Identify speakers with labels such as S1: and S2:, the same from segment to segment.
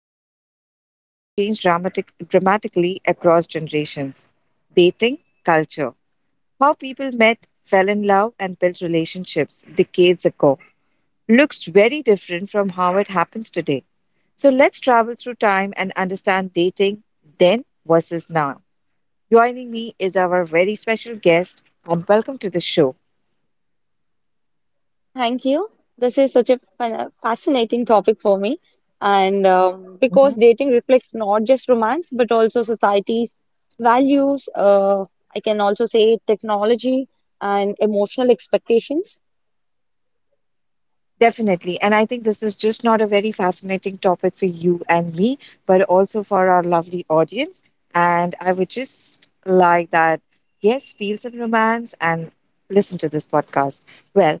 S1: exploring something that has changed dramatically across generations dating culture. How people met, fell in love, and built relationships decades ago looks very different from how it happens today. So let's travel through time and understand dating then versus now. Joining me is our very special guest, and welcome to the show.
S2: Thank you. This is such a fascinating topic for me. And Because dating reflects not just romance, but also society's values, I can also say technology and emotional expectations.
S1: Definitely. And I think this is just not a very fascinating topic for you and me, but also for our lovely audience. And I would just like that, yes, feel some romance and listen to this podcast. Well,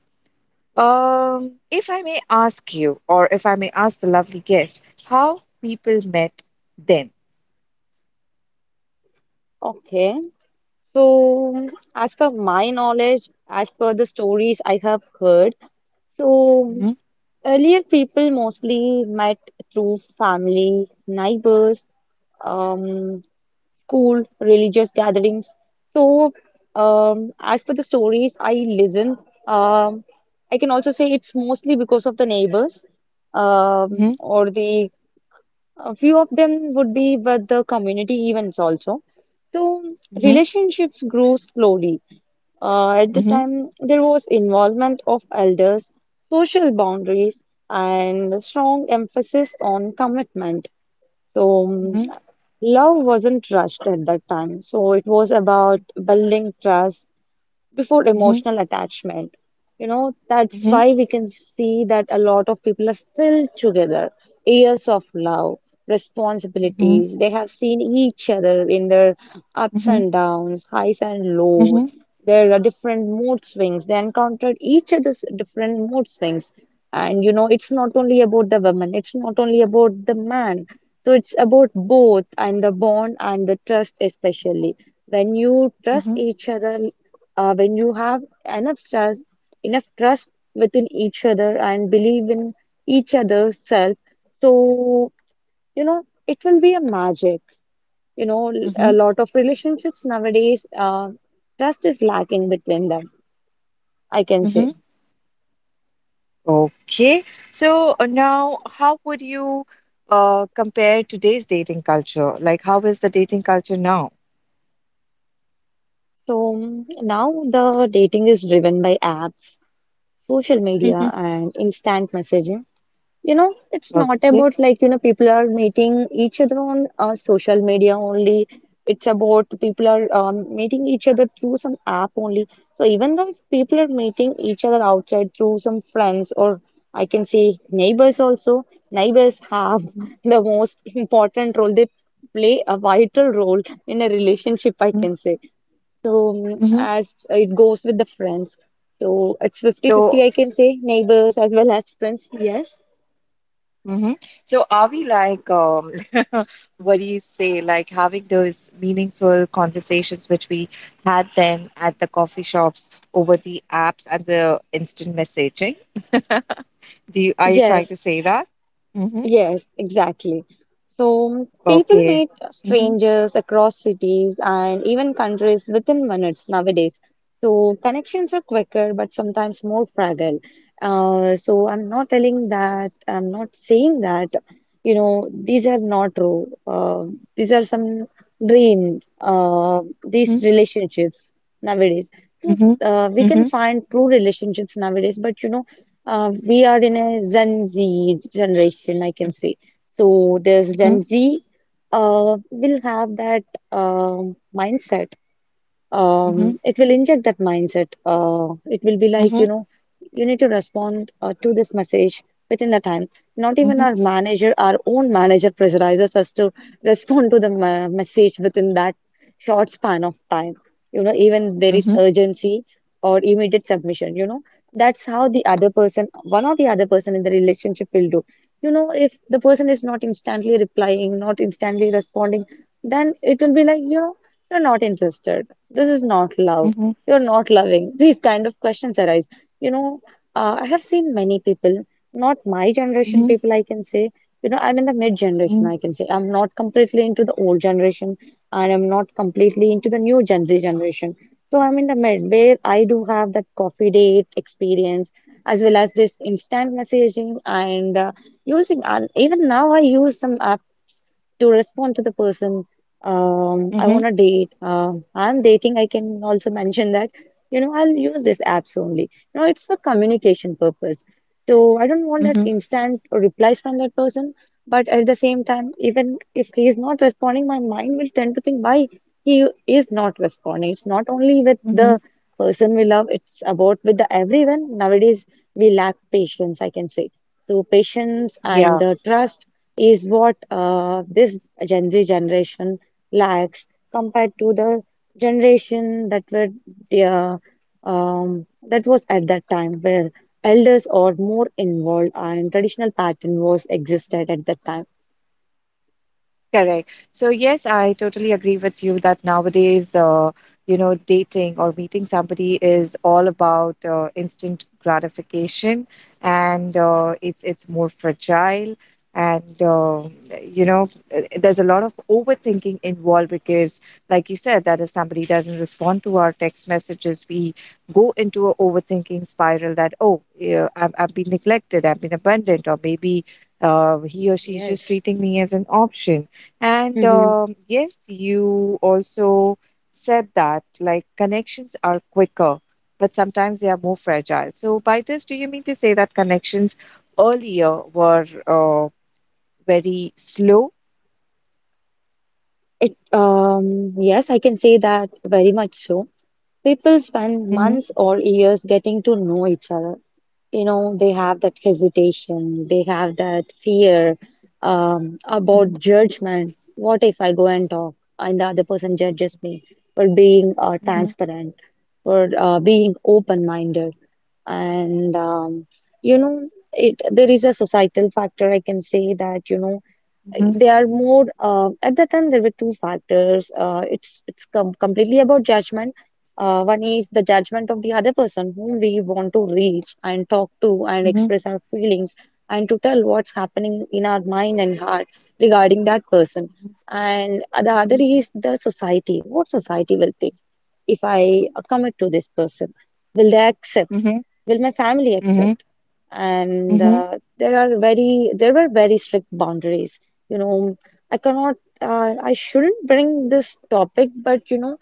S1: if I may ask you, or if I may ask the lovely guest, how people met then.
S2: Okay. So, as per my knowledge, as per the stories I have heard, so
S1: Mhm,
S2: earlier people mostly met through family, neighbors, um, school, religious gatherings. So, as for the stories I listen, um, I can also say it's mostly because of the neighbors,
S1: mhm,
S2: or the a few of them would be with the community events also. So,
S1: mhm,
S2: relationships grew slowly. At the
S1: mhm,
S2: time, there was involvement of elders, social boundaries, and a strong emphasis on commitment. So, mm,
S1: mhm,
S2: Love wasn't rushed at that time. So, it was about building trust, before
S1: mhm,
S2: emotional attachment. You know, that's
S1: mhm,
S2: why we can see that a lot of people are still together. Years of love,
S1: mhm,
S2: responsibilities, they have seen each other in their ups
S1: mhm,
S2: and downs, highs and
S1: mhm,
S2: lows.
S1: mhm,
S2: There are different mood swings. They encountered each other's different mood swings. And you know, it's not only about the woman, it's not only about the man. So it's about both and the bond and the trust, especially. When you trust
S1: mhm,
S2: each other, when you have enough trust within each other and believe in each other's self, so you know it will be a magic. You know, a
S1: mhm,
S2: lot of relationships nowadays, trust is lacking between them, I can say.
S1: mhm, okay. So now, how would you compare today's dating culture? Like, how is the dating culture now?
S2: So mm, Now the dating is driven by apps, social media,
S1: Mhm.
S2: and instant messaging. You know it's not
S1: Okay.
S2: about like you know people are meeting each other on social media only. It's about people are meeting each other through some app only. So even though if people are meeting each other outside through some friends, or I can say neighbors also, neighbors have
S1: Mhm,
S2: the most important role. They play a vital role in a relationship, I
S1: mhm,
S2: can say. So
S1: mhm.
S2: as it goes with the friends, so it's 50-50.
S1: So,
S2: I can say neighbors as well as friends, yes.
S1: mhm. So are we like, what do you say, like having those meaningful conversations which we had then at the coffee shops over the apps and the instant messaging? Do you, are you trying
S2: Yes,
S1: to say that? Mm-hmm.
S2: yes, exactly. So people
S1: Okay.
S2: meet
S1: Mm-hmm.
S2: strangers across cities and even countries within minutes nowadays. So connections are quicker, but sometimes more fragile. So I'm not telling that, I'm not saying that, you know, these are not true. These are some dreams, these
S1: Mm-hmm.
S2: relationships nowadays. So
S1: Mm-hmm.
S2: uh, we can
S1: Mm-hmm.
S2: find true relationships nowadays, but you know, we are in a Gen Z generation, I can say. So this
S1: Mm-hmm.
S2: Gen Z will have that mindset.
S1: Mhm,
S2: It will inject that mindset. It will be like,
S1: mhm,
S2: you know, you need to respond to this message within the time. Not even
S1: mhm,
S2: our manager, our own manager pressurizes us to respond to the message within that short span of time. You know, even there is
S1: mhm,
S2: urgency or immediate submission, you know, that's how the other person, one or the other person in the relationship will do. You know, if the person is not instantly replying, not instantly responding, then it will be like, you know, you're not interested, this is not love.
S1: mhm,
S2: You're not loving. These kind of questions arise. You know, I have seen many people, not my generation
S1: mhm,
S2: people, I can say. You know, I'm in the mid generation,
S1: mhm,
S2: I can say. I'm not completely into the old generation, and I'm not completely into the new Gen Z generation. So I'm in the mid where I do have that coffee date experience as well as this instant messaging and using, and even now I use some apps to respond to the person I
S1: mhm,
S2: want to date. I'm dating. I can also mention that, you know, I'll use these apps only. You know, it's for communication purpose. So I don't want that
S1: mhm,
S2: instant replies from that person. But at the same time, even if he is not responding, my mind will tend to think why he is not responding. It's not only with the
S1: mhm.
S2: person we love, it's about with the everyone. Nowadays, we lack patience, I can say. So patience and
S1: Yeah.
S2: the trust is what this Gen Z generation lakhs compared to the generation that were uh, that was at that time where elders are more involved and traditional pattern was existed at that time.
S1: Correct. So, yes, I totally agree with you that nowadays, you know, dating or meeting somebody is all about instant gratification, and it's more fragile, and you know, there's a lot of overthinking involved because, like you said, that if somebody doesn't respond to our text messages, we go into a overthinking spiral that oh, yeah, I've been neglected, I've been abandoned, or maybe he or she is just
S2: Yes.
S1: treating me as an option. And
S2: Mhm.
S1: yes, you also said that like connections are quicker, but sometimes they are more fragile. So by this, do you mean to say that connections earlier were very slow?
S2: Yes, I can say that very much so. People spend
S1: Mm-hmm.
S2: months or years getting to know each other. You know they have that hesitation, they have that fear
S1: Mm-hmm.
S2: about judgment. What if I go and talk and the other person judges me for being
S1: Mm-hmm.
S2: transparent, for being open-minded, and you know, it there is a societal factor, I can say, that you know
S1: Mm-hmm.
S2: they are more, at that time there were two factors. It's completely about judgment. One is the judgment of the other person whom we want to reach and talk to and
S1: Mm-hmm.
S2: express our feelings and to tell what's happening in our mind and heart regarding that person. And the other
S1: Mm-hmm.
S2: is the society, what society will think if I commit to this person. Will they accept?
S1: Mm-hmm.
S2: Will my family
S1: Mm-hmm.
S2: accept? And
S1: Mm-hmm.
S2: There are very there were very strict boundaries. You know, I cannot, I shouldn't bring this topic, but you know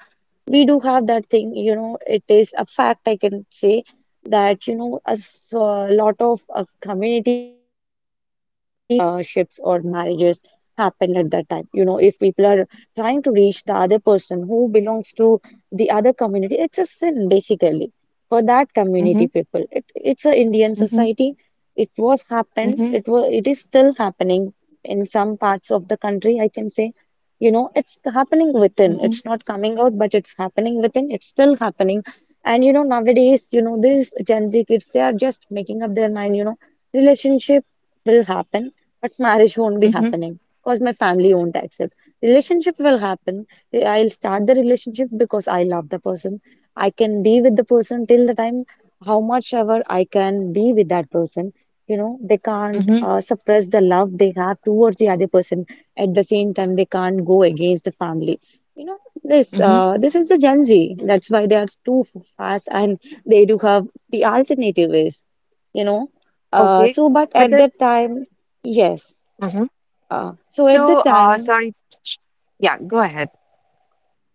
S2: we do have that thing. You know it is a fact, I can say, that you know a lot of community based relationships or marriages happen at that time. You know if people are trying to reach the other person who belongs to the other community, it's a sin basically for that community
S1: Mm-hmm.
S2: people. It's a Indian
S1: Mm-hmm.
S2: society. It was happened, it was, it is still happening in some parts of the country, I can say. You know it's happening within,
S1: Mm-hmm.
S2: it's not coming out, but it's happening within, it's still happening. And you know nowadays, you know these Gen Z kids, they are just making up their mind. You know, relationship will happen, but marriage won't be happening because my family won't accept. Relationship will happen. I'll start the relationship because I love the person. I can be with the person till the time, how much ever I can be with that person. You know, they can't
S1: Mm-hmm.
S2: suppress the love they have towards the other person. At the same time, they can't go against the family. You know,
S1: Mm-hmm.
S2: this is the Gen Z. That's why they are too fast, and they do have the alternative is, you know.
S1: Okay,
S2: So, but
S1: but
S2: at
S1: this.
S2: that time, yes. So at the
S1: So,
S2: time,
S1: sorry. Yeah, go ahead.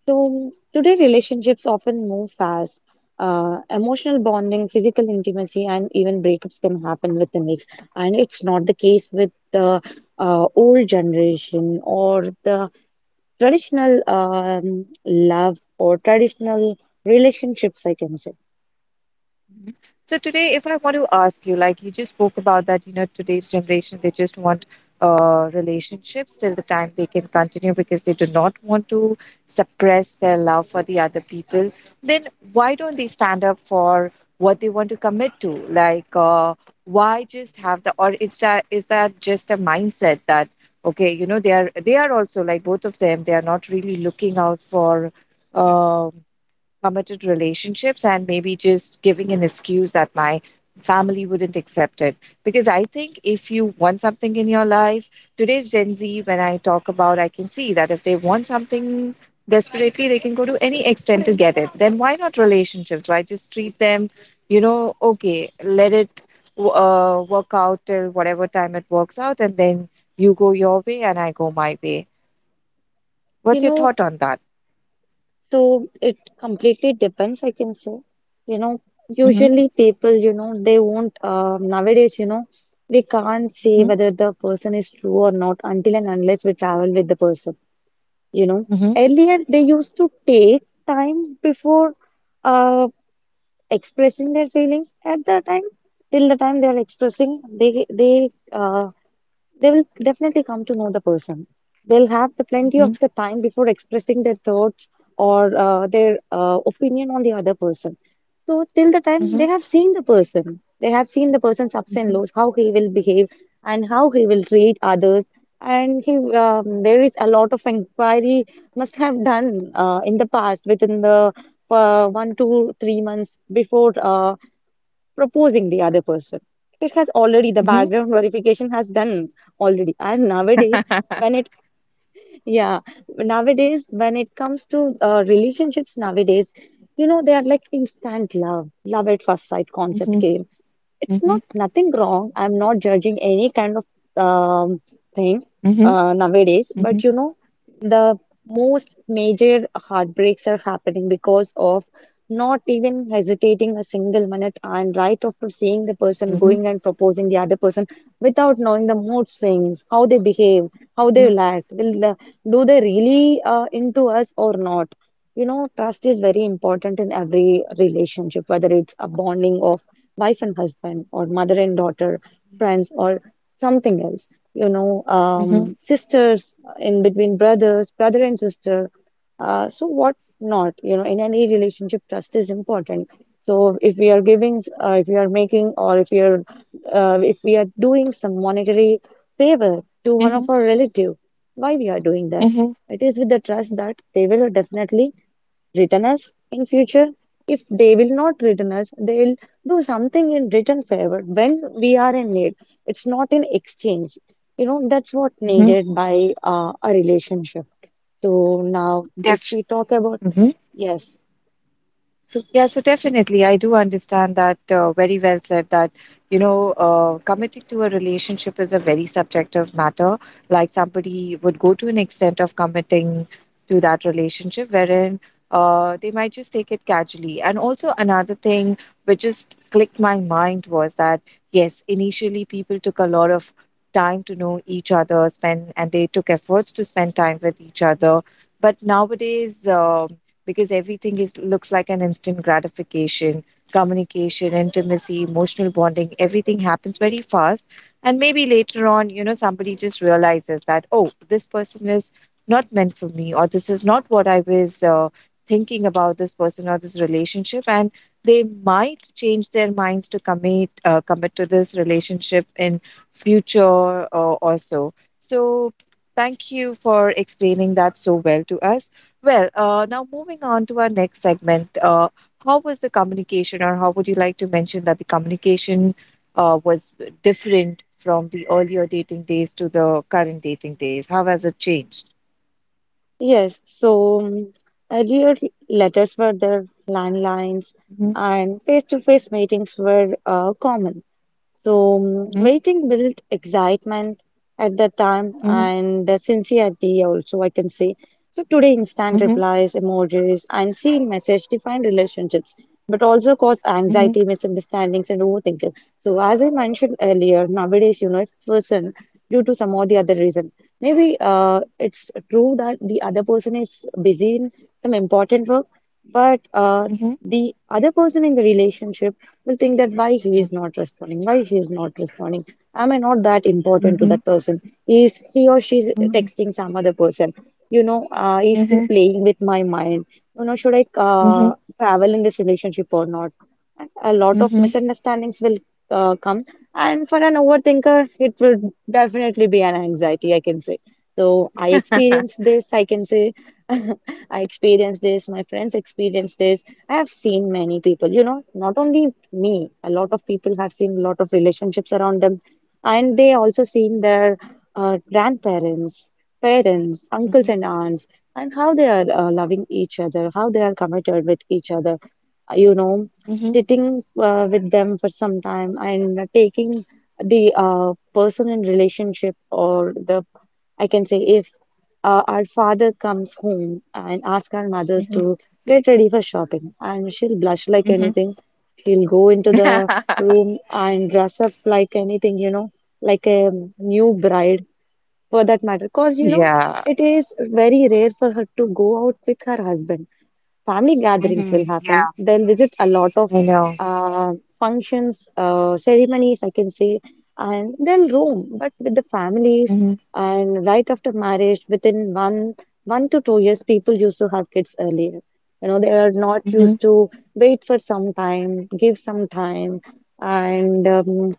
S2: so today relationships often move fast. Emotional bonding, physical intimacy, and even breakups can happen within weeks. And it's not the case with the old generation or the traditional love or traditional relationships, I can say.
S1: Mhm. So today, if I want to ask you, like you just spoke about that, you know, today's generation, they just want relationships till the time they can continue because they do not want to suppress their love for the other people. Then why don't they stand up for what they want to commit to? Like, why just have the, or is that just a mindset that okay, you know, they are also like both of them, they are not really looking out for. Um, committed relationships and maybe just giving an excuse that my family wouldn't accept it because I think if you want something in your life, today's Gen Z, when I talk about, I can see that if they want something desperately, they can go to any extent to get it. Then why not relationships? Why just treat them, you know, okay, let it work out till whatever time it works out, and then you go your way and I go my way.
S2: You
S1: What's your
S2: know,
S1: thought on that?
S2: so it completely depends, I can say. You know,
S1: Mm-hmm,
S2: usually people, you know, they won't, nowadays, you know, we can't say
S1: mm-hmm,
S2: whether the person is true or not until and unless we travel with the person, you know.
S1: mm-hmm,
S2: Earlier, they used to take time before uh, expressing their feelings. At the time, till the time they are expressing, they they will definitely come to know the person. They'll have the plenty of
S1: mm-hmm,
S2: the time before expressing their thoughts, or their opinion on the other person. So till the time they have seen the person, they have seen the person's ups and
S1: mm-hmm.
S2: lows, how he will behave and how he will treat others.
S1: Mhm,
S2: There is a lot of inquiry must have done in the past within the one, two, 3 months before. Proposing the other person. It has already, the
S1: mhm,
S2: background verification has done already. And nowadays, when yeah, nowadays, when it comes to relationships nowadays, you know, they are like instant love, love at first sight concept
S1: mhm,
S2: came. It's
S1: mhm,
S2: not nothing wrong. I'm not judging any kind of um, thing
S1: mhm,
S2: nowadays,
S1: mhm,
S2: but you know, the most major heartbreaks are happening because of not even hesitating a single minute and right after seeing the person
S1: mhm,
S2: going and proposing the other person without knowing the mood swings, how they behave, how they will act, will the, do they really into us or not? You know, trust is very important in every relationship, whether it's a bonding of wife and husband, or mother and daughter, friends, or something else. You know,
S1: mhm,
S2: sisters in between brothers, brother and sister. So what not? You know, in any relationship, trust is important. So if we are giving, if we are making, or if we are doing some monetary favor to one
S1: mhm,
S2: of our relative, why we are doing that?
S1: mhm,
S2: It is with the trust that they will definitely return us in future. If they will not return us, they'll do something in return favor when we are in need. It's not in exchange. That's what
S1: mhm,
S2: needed by a relationship. So now, if
S1: def
S2: we talk about, yes, so,
S1: yeah, so definitely, I do understand that very well said that, you know, committing to a relationship is a very subjective matter. Like somebody would go to an extent of committing to that relationship, wherein they might just take it casually. And also, another thing which just clicked my mind was that, yes, initially people took a lot of time to know each other, spend, and they took efforts to spend time with each other. But nowadays, um, because everything is looks like an instant gratification, communication, intimacy, emotional bonding, everything happens very fast, and maybe later on, you know, somebody just realizes that oh, this person is not meant for me, or this is not what I was thinking about this person or this relationship, and they might change their minds to commit commit to this relationship in future, or so, so thank you for explaining that so well to us. Well, now moving on to our next segment, how was the communication, or how would you like to mention that the communication was different from the earlier dating days to the current dating days? How has it changed?
S2: yes, earlier letters were there, landlines,
S1: Mhm,
S2: and face-to-face meetings were common. So
S1: mhm,
S2: waiting built excitement at that time
S1: mhm,
S2: and the sincerity also, I can say. So today, instant
S1: mhm,
S2: replies, emojis, and seen message define relationships, but also cause
S1: mhm,
S2: anxiety, misunderstandings, and overthinking. So as I mentioned earlier, nowadays, you know, if person due to some or the other reason, maybe it's true that the other person is busy in some important work, but
S1: mhm,
S2: the other person in the relationship will think that why he is not responding, why she is not responding. Am I not that important to
S1: mhm,
S2: that person? Is he or she is
S1: mhm,
S2: texting some other person? You know, is he
S1: mhm,
S2: playing with my mind? You know, should I
S1: mhm, mhm,
S2: travel in this relationship or not? And a lot of
S1: mhm,
S2: misunderstandings will come, and for an overthinker, it will definitely be an anxiety, I can say. So I experienced this, I can say. I experienced this, my friends experienced this. I have seen many people, you know, not only me. A lot of people have seen a lot of relationships around them, and they also seen their grandparents, parents, uncles and aunts, and how they are loving each other, how they are committed with each other. You know,
S1: mhm,
S2: sitting with them for some time and taking the person in relationship or the, I can say, if our father comes home and asks our mother
S1: mhm, mhm,
S2: to get ready for shopping, and she'll blush like
S1: mhm.
S2: anything. She'll go into the room and dress up like anything, you know, like a new bride for that matter. Because, you know,
S1: Yeah.
S2: it is very rare for her to go out with her husband. Family gatherings will
S1: Mhm,
S2: happen.
S1: yeah.
S2: They'll visit a lot of
S1: I know.
S2: uh, functions, ceremonies, I can say, and they'll roam. But with the families,
S1: Mhm,
S2: and right after marriage, within 1 to 2 years, people used to have kids earlier. You know, they are not
S1: mhm,
S2: used to wait for some time, give some time, and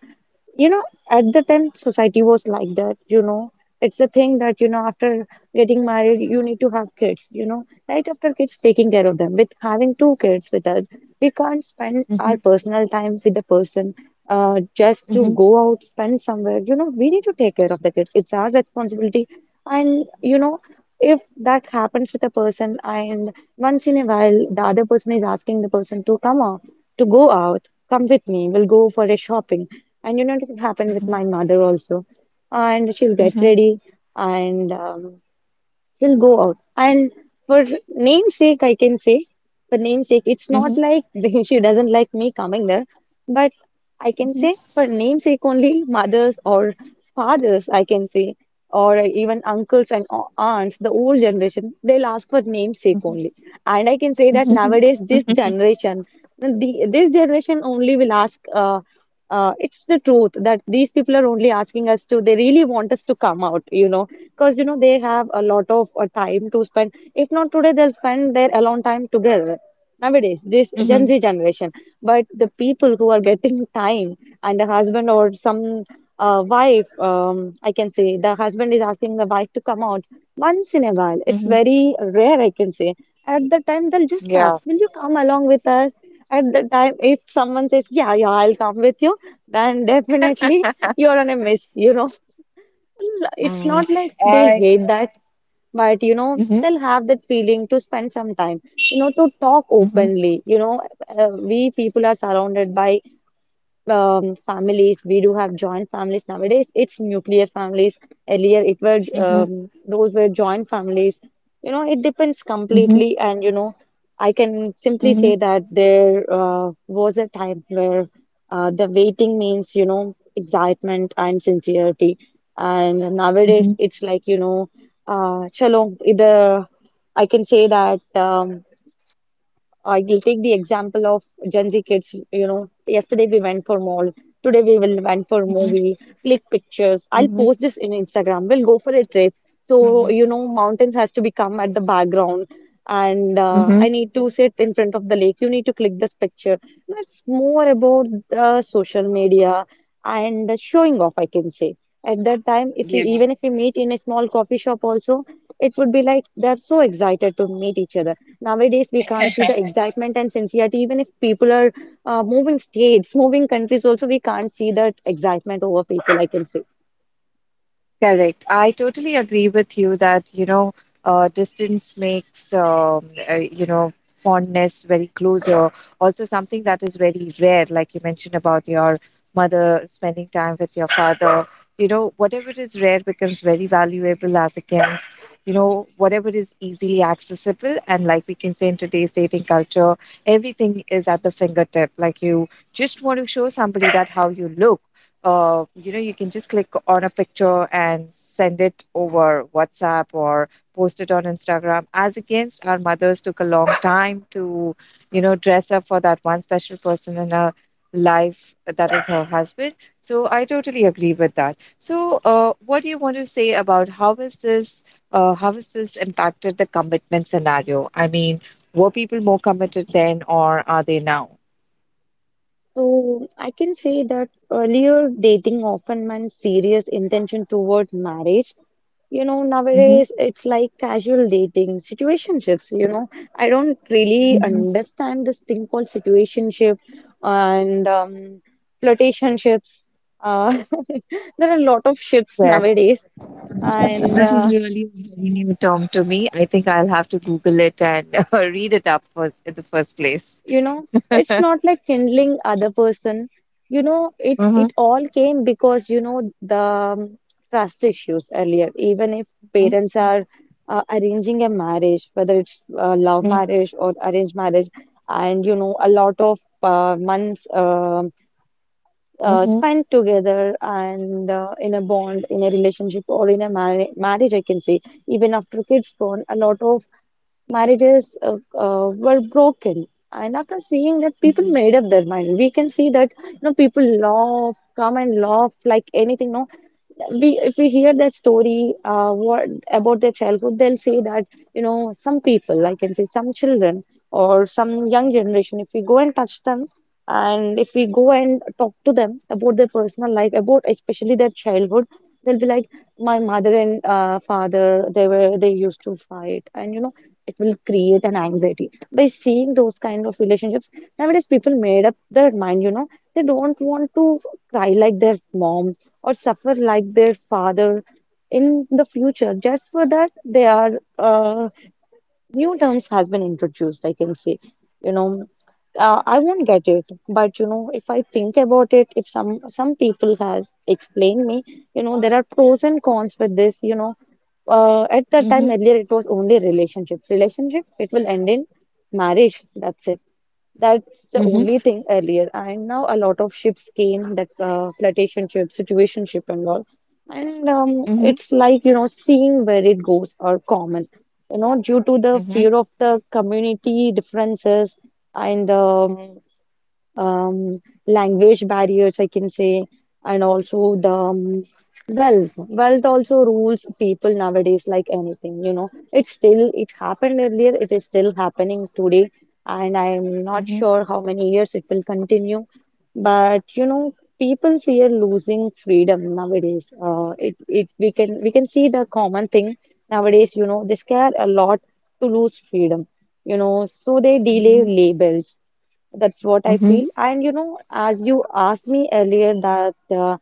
S2: you know at the time society was like that, you know, it's a thing that, you know, after getting married you need to have kids, you know, right after kids taking care of them, with having two kids with us, we can't spend our
S1: mhm,
S2: personal time with the person, just to
S1: mhm,
S2: go out spend somewhere, you know, we need to take care of the kids, it's our responsibility. And you know, if that happens with a person, and once in a while, the other person is asking the person to come out, to go out, come with me, we'll go for a shopping. And you know, it happened with
S1: mhm,
S2: my mother also. And she'll get
S1: mhm,
S2: ready, and she'll go out. And for name's sake, I can say, for name's sake, it's not
S1: mhm,
S2: like she doesn't like me coming there, but I can
S1: mhm.
S2: say for name's sake only mothers or fathers, I can say, or even uncles and aunts, the old generation, they'll ask for name's sake
S1: Mhm,
S2: only. And I can say that
S1: mhm,
S2: nowadays, this
S1: mhm,
S2: generation, this generation only will ask. It's the truth that these people are only asking us, to they really want us to come out, you know, because you know they have a lot of time to spend, if not today they'll spend their alone time together nowadays, this gen
S1: mhm,
S2: z generation. But the people who are getting time, and a husband or some wife, I can say the husband is asking the wife to come out once in a while. It's
S1: mhm.
S2: very rare, I can say. At the time, they'll just
S1: Yeah.
S2: ask, will you come along with us? At the time, if someone says, yeah, yeah, I'll come with you, then definitely you're on a miss, you know. It's
S1: Mm.
S2: not like they'll
S1: I.
S2: hate that, but you know,
S1: Mhm,
S2: they'll have that feeling to spend some time, you know, to talk
S1: mhm,
S2: openly. You know, we people are surrounded by families. We do have joint families nowadays. It's nuclear families. Earlier, it were
S1: mhm,
S2: those were joint families. You know, it depends
S1: mhm,
S2: completely. And you know, I can simply say
S1: mhm,
S2: that there was a time where the waiting means, you know, excitement and sincerity. And nowadays,
S1: mhm,
S2: it's like, you know, chalo, either I can say that. I will take the example of Gen Z kids. You know, yesterday we went for mall. Today we will went for
S1: mhm,
S2: movie. Click pictures. I'll
S1: mhm,
S2: post this in Instagram. We'll go for a trip. So
S1: mhm,
S2: you know, mountains has to become at the background, and
S1: mhm.
S2: I need to sit in front of the lake. You need to click this picture. It's more about the social media and the showing off. I can say at that time, if we
S1: Yeah.
S2: even if we meet in a small coffee shop, also it would be like they're so excited to meet each other. Nowadays, we can't see the excitement and sincerity. Even if people are moving states, moving countries, also we can't see that excitement over people, I can say.
S1: Correct. I totally agree with you that, you know, distance makes, you know, fondness very closer. Also, something that is very rare, like you mentioned about your mother spending time with your father. You know, whatever is rare becomes very valuable as against, you know, whatever is easily accessible. And like we can say in today's dating culture, everything is at the fingertip. Like you just want to show somebody that how you look, you know, you can just click on a picture and send it over WhatsApp or post it on Instagram. As against our mothers took a long time to, you know, dress up for that one special person in her life, that is her husband. So I totally agree with that. So what do you want to say about how is this how has this impacted the commitment scenario? I mean, were people more committed then or are they now?
S2: So I can say that earlier dating often meant serious intention towards marriage. You know,
S1: Mm-hmm.
S2: nowadays it's like casual dating, situationships, you know. I don't really
S1: Mhm.
S2: understand this thing called situationship and flirtationships. Uh, there are a lot of ships nowadays,
S1: This is,
S2: and
S1: this is really a very new term to me. I think I'll have to Google it and read it up first in the first place.
S2: you know it's not like kindling other person, you know, it
S1: Mhm,
S2: it all came because you know the trust issues earlier, even if
S1: mhm,
S2: parents are arranging a marriage, whether it's love
S1: mhm,
S2: marriage or arranged marriage, and you know a lot of months
S1: mhm,
S2: spent together and in a bond, in a relationship or in a marriage, I can say, even after kids born, a lot of marriages were broken. And after seeing that, people
S1: mhm,
S2: made up their mind. We can see that, you know, people love come and love like anything. No, we if we hear their story, what about their childhood, they'll say that, you know, some people, I can say, some children or some young generation, if we go and touch them, and if we go and talk to them about their personal life, about especially their childhood, they'll be like, my mother and father, they used to fight, and you know it will create an anxiety by seeing those kind of relationships. Nowadays people made up their mind, you know, they don't want to cry like their mom or suffer like their father in the future. Just for that, there are uh, new terms has been introduced. I can say, you know, I won't get it, but you know, if I think about it, if some people has explained me, you know, there are pros and cons with this. You know, at that
S1: mhm,
S2: time earlier it was only relationship. Relationship it will end in marriage. That's it, that's the
S1: mhm,
S2: only thing earlier. And now a lot of ships came, that flirtation ship, situation ship, and all. And
S1: mhm, mhm,
S2: it's like, you know, seeing where it goes are common. You know, due to the fear of the community differences and um, language barriers, I can say, and also the wealth. Wealth also rules people nowadays like anything, you know. It's still, it happened earlier, it is still happening today, and I'm not
S1: mhm,
S2: sure how many years it will continue. But you know, people fear losing freedom nowadays. It we can see the common thing nowadays, you know, they scare a lot to lose freedom, you know, so they delay labels, that's what I
S1: mhm, mhm,
S2: feel. And you know, as you asked me earlier that uh,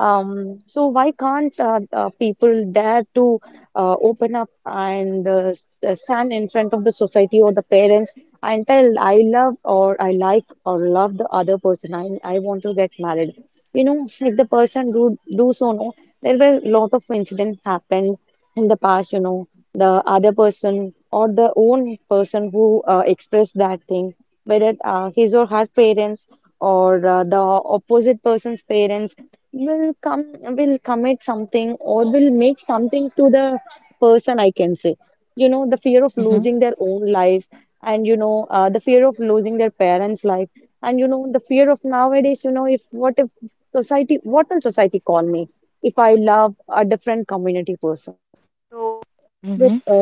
S2: um, so why can't people dare to open up and stand in front of the society or the parents, until I love or I like or love the other person, I want to get married. You know, if the person do so, no, there were a lot of incidents happened in the past. You know, the other person or the own person who expressed that thing, whether his or her parents or the opposite person's parents will come, will commit something, or will make something to the person. I can say, you know, the fear of
S1: mhm,
S2: losing their own lives, and you know, the fear of losing their parents life, and you know the fear of nowadays, you know, if, what if society, what will society call me if I love a different community person. So it's with
S1: mhm.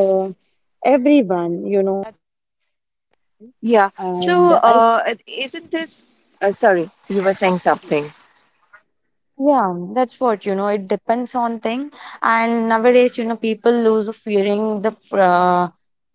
S2: everyone, you know, and
S1: Yeah.
S2: i
S1: So, it- isn't this? Sorry, you were saying something.
S2: yeah, that's what, you know, it depends on thing. And nowadays, you know, people lose of fearing the f- uh,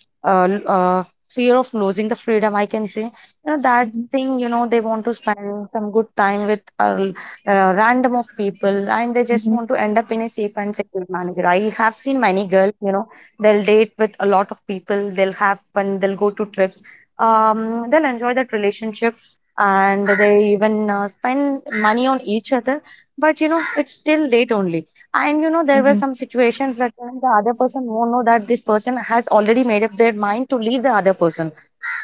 S2: uh, l- uh, fear of losing the freedom, I can say, you know, that
S1: Mhm,
S2: thing, you know, they want to spend some good time with a random of people, and they just
S1: mhm,
S2: want to end up in a safe and secure manager. I have seen many girls, you know, they'll date with a lot of people, they'll have fun, they'll go to trips, they'll enjoy that relationship, and they even spend money on each other. But you know, it's still late only. And you know, there were
S1: mhm,
S2: some situations that when the other person won't know that this person has already made up their mind to leave the other person.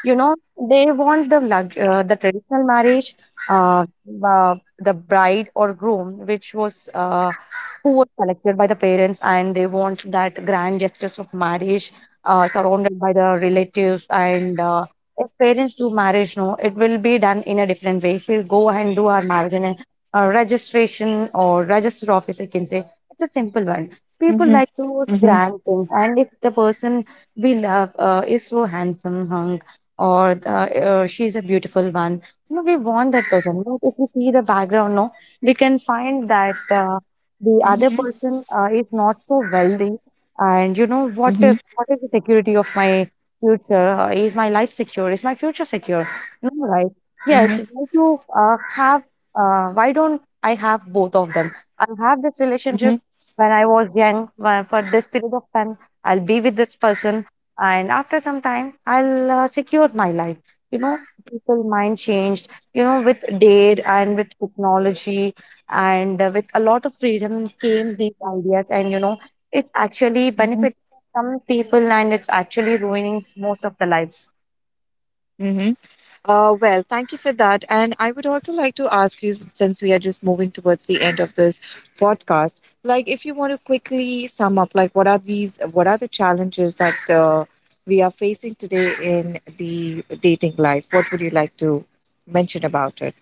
S2: You know, they want the the traditional marriage, uh, uh, the bride or groom, which was who was selected by the parents, and they want that grand gestures of marriage surrounded by the relatives, and if parents do marriage, no, it will be done in a different way. He'll go and do our marriage in a registration or register office, I can say. It's a simple one. People
S1: mhm,
S2: like to
S1: mhm,
S2: grand things. And if the person we love is so handsome hung, or the, she's a beautiful one, you know, we want that person. But if we see the background, no, we can find that the other
S1: mhm,
S2: person is not so wealthy. And you know,
S1: mhm,
S2: what
S1: mhm,
S2: if, what is the security of my future, is my life secure, is my future secure? No, right?
S1: mhm,
S2: Yes,
S1: mhm,
S2: why do have why don't I have both of them? I'll have this relationship
S1: mhm,
S2: when I was young, when, for this period of time, I'll be with this person, and after some time I'll secure my life. You know, people mind changed, you know, with date and with technology, and with a lot of freedom came these ideas. And you know, it's actually
S1: mhm,
S2: benefiting some people, and it's actually ruining most of the lives.
S1: mhm, well, thank you for that. And I would also like to ask you, since we are just moving towards the end of this podcast, like if you want to quickly sum up, like what are these, what are the challenges that we are facing today in the dating life? What would you like to mention about it?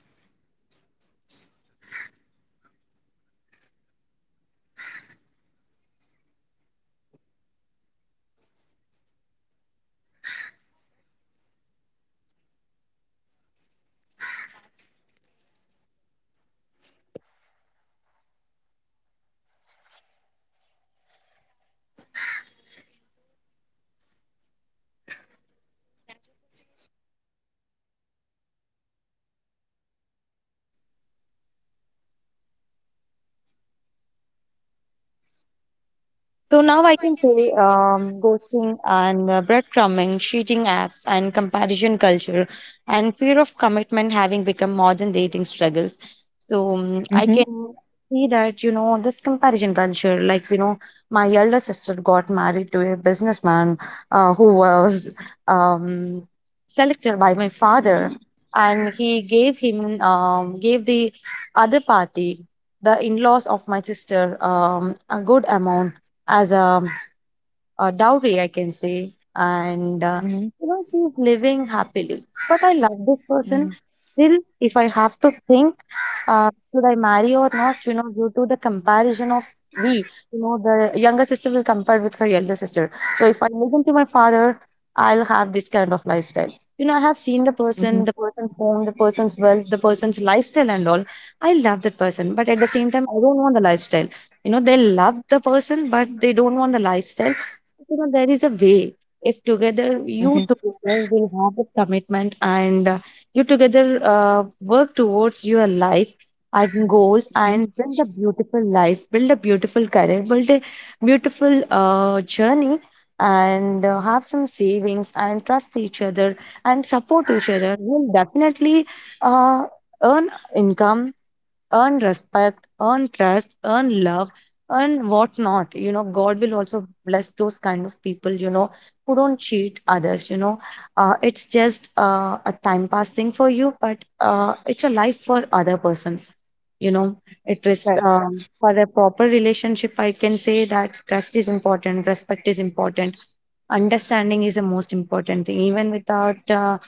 S2: So now I can say ghosting and breadcrumbing, cheating apps, and comparison culture, and fear of commitment having become modern dating struggles. So I
S1: Mm-hmm.
S2: can see that, you know, this comparison culture. Like you know, my elder sister got married to a businessman who was um, selected by my father, and he gave him gave the other party, the in-laws of my sister, a good amount as a dowry, I can say. And,
S1: Mm-hmm.
S2: you know, she's living happily. But I love this person. Still, if I have to think, should I marry or not, you know, due to the comparison of we, you know, the younger sister will compare with her elder sister. So if I listen to my father, I'll have this kind of lifestyle. You know, I have seen the
S1: Mm-hmm.
S2: person, the person's home, the person's wealth, the person's lifestyle, and all. I love that person, but at the same time, I don't want the lifestyle. You know, they love the person, but they don't want the lifestyle. You know, there is a way. If together,
S1: Mm-hmm.
S2: you together will have a commitment, and you together work towards your life and goals,
S1: Mm-hmm.
S2: and build a beautiful life, build a beautiful career, build a beautiful journey, and have some savings, and trust each other, and support each other, you'll definitely uh, earn income, earn respect, earn trust, earn love, earn whatnot. You know, God will also bless those kind of people, you know, who don't cheat others, you know. It's just a time pass thing for you, but it's a life for other person, you know. It is
S1: Right.
S2: for a proper relationship, I can say that trust is important, respect is important, understanding is the most important thing.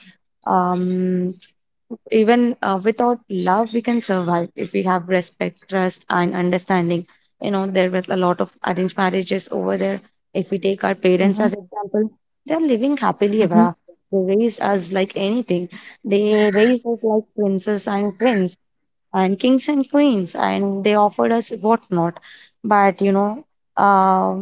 S2: um, even without love we can survive if we have respect, trust, and understanding. You know, there were a lot of arranged marriages over there. If we take our parents
S1: Mm-hmm.
S2: as example, they're living happily ever
S1: Mm-hmm.
S2: after. They raised us like anything. They raised us like princes and prince, and kings and queens, and they offered us whatnot. But you know, uh,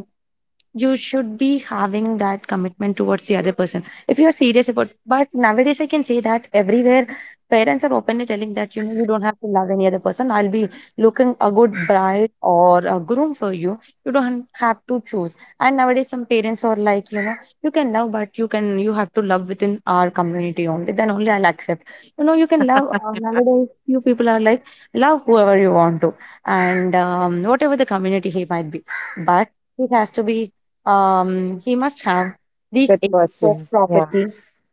S2: you should be having that commitment towards the other person if you are serious about. But nowadays I can say that everywhere parents are openly telling that, you know, you don't have to love any other person, I'll be looking a good bride or a groom for you, you don't have to choose. And nowadays some parents are like, you know, you can love, but you can, you have to love within our community, only then only I'll accept. You know, you can love nowadays few people are like, love whoever you want to. And whatever the community he might be, but he has to be he must have
S1: A
S2: this
S1: good
S2: acres of
S1: person. Yeah.
S2: property,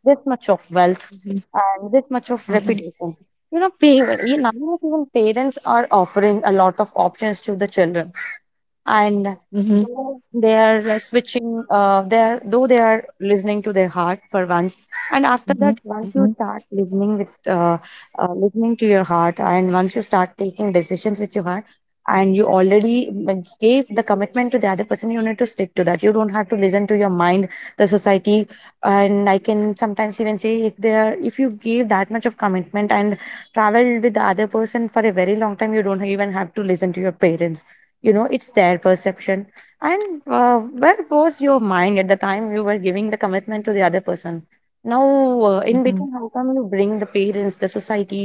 S2: this much of wealth,
S1: Mm-hmm.
S2: and this much of
S1: Mm-hmm.
S2: reputation. You know, pa- you- nowadays even parents are offering a lot of options to the children. And
S1: Mm-hmm.
S2: though they are switching they are, though they are listening to their heart for once, and after
S1: Mm-hmm.
S2: that, once you start listening with listening to your heart, and once you start taking decisions with your heart, and you already like, gave the commitment to the other person, you need to stick to that. You don't have to listen to your mind, the society. And I can sometimes even say, if they are, if you give that much of commitment and travel with the other person for a very long time, you don't even have to listen to your parents. You know, it's their perception. And where was your mind at the time you were giving the commitment to the other person? Now in
S1: Mm-hmm.
S2: between, how come you bring the parents, the society,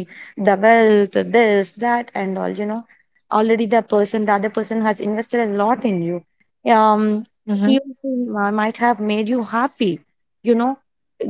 S2: the wealth, this that and all. You know, already the person, the other person has invested a lot in you. um
S1: Mm-hmm.
S2: he or she might have made you happy, you know.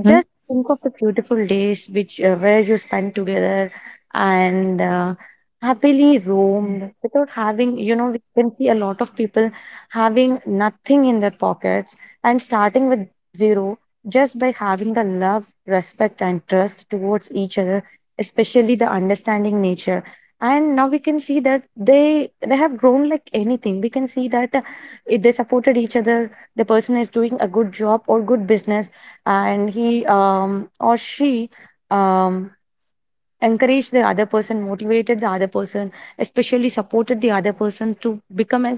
S2: Just think of the beautiful days which where you spend together, and happily
S1: Mm-hmm,
S2: roamed without having, you know, we can see a lot of people having nothing in their pockets and starting with zero, just by having the love, respect, and trust towards each other, especially the understanding nature. And now we can see that they have grown like anything. We can see that, if they supported each other, the person is doing a good job or good business, and he or she um, encouraged the other person, motivated the other person, especially supported the other person to become a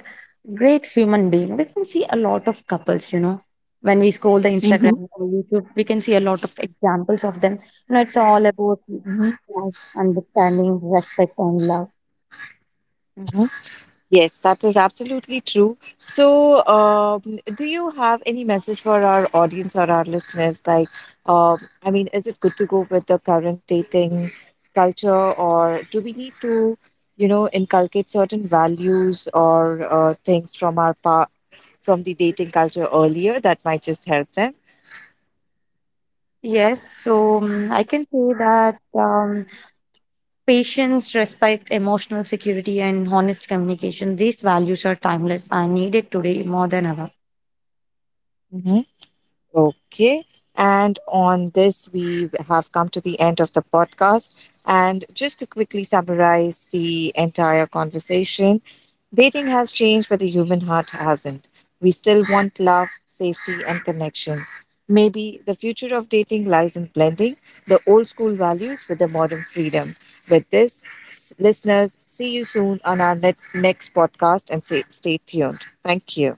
S2: great human being. We can see a lot of couples, you know, when we scroll the
S1: hmm,
S2: Instagram or YouTube, we can see a lot of examples of them. You know, it's all about trust, understanding, respect, and love.
S1: hmm. Yes, that is absolutely true. So, do you have any message for our audience or our listeners? Like, I mean, is it good to go with the current dating culture, or do we need to, you know, inculcate certain values or things from our pa from the dating culture earlier that might just help them?
S2: Yes, so I can say that patience, respect, emotional security, and honest communication, these values are timeless and needed today more than ever.
S1: Okay. And on this, we have come to the end of the podcast. And just to quickly summarize the entire conversation, dating has changed, but the human heart hasn't. We still want love, safety, and connection. Maybe the future of dating lies in blending the old school values with the modern freedom. With this, listeners, see you soon on our next podcast and say, stay tuned. Thank you.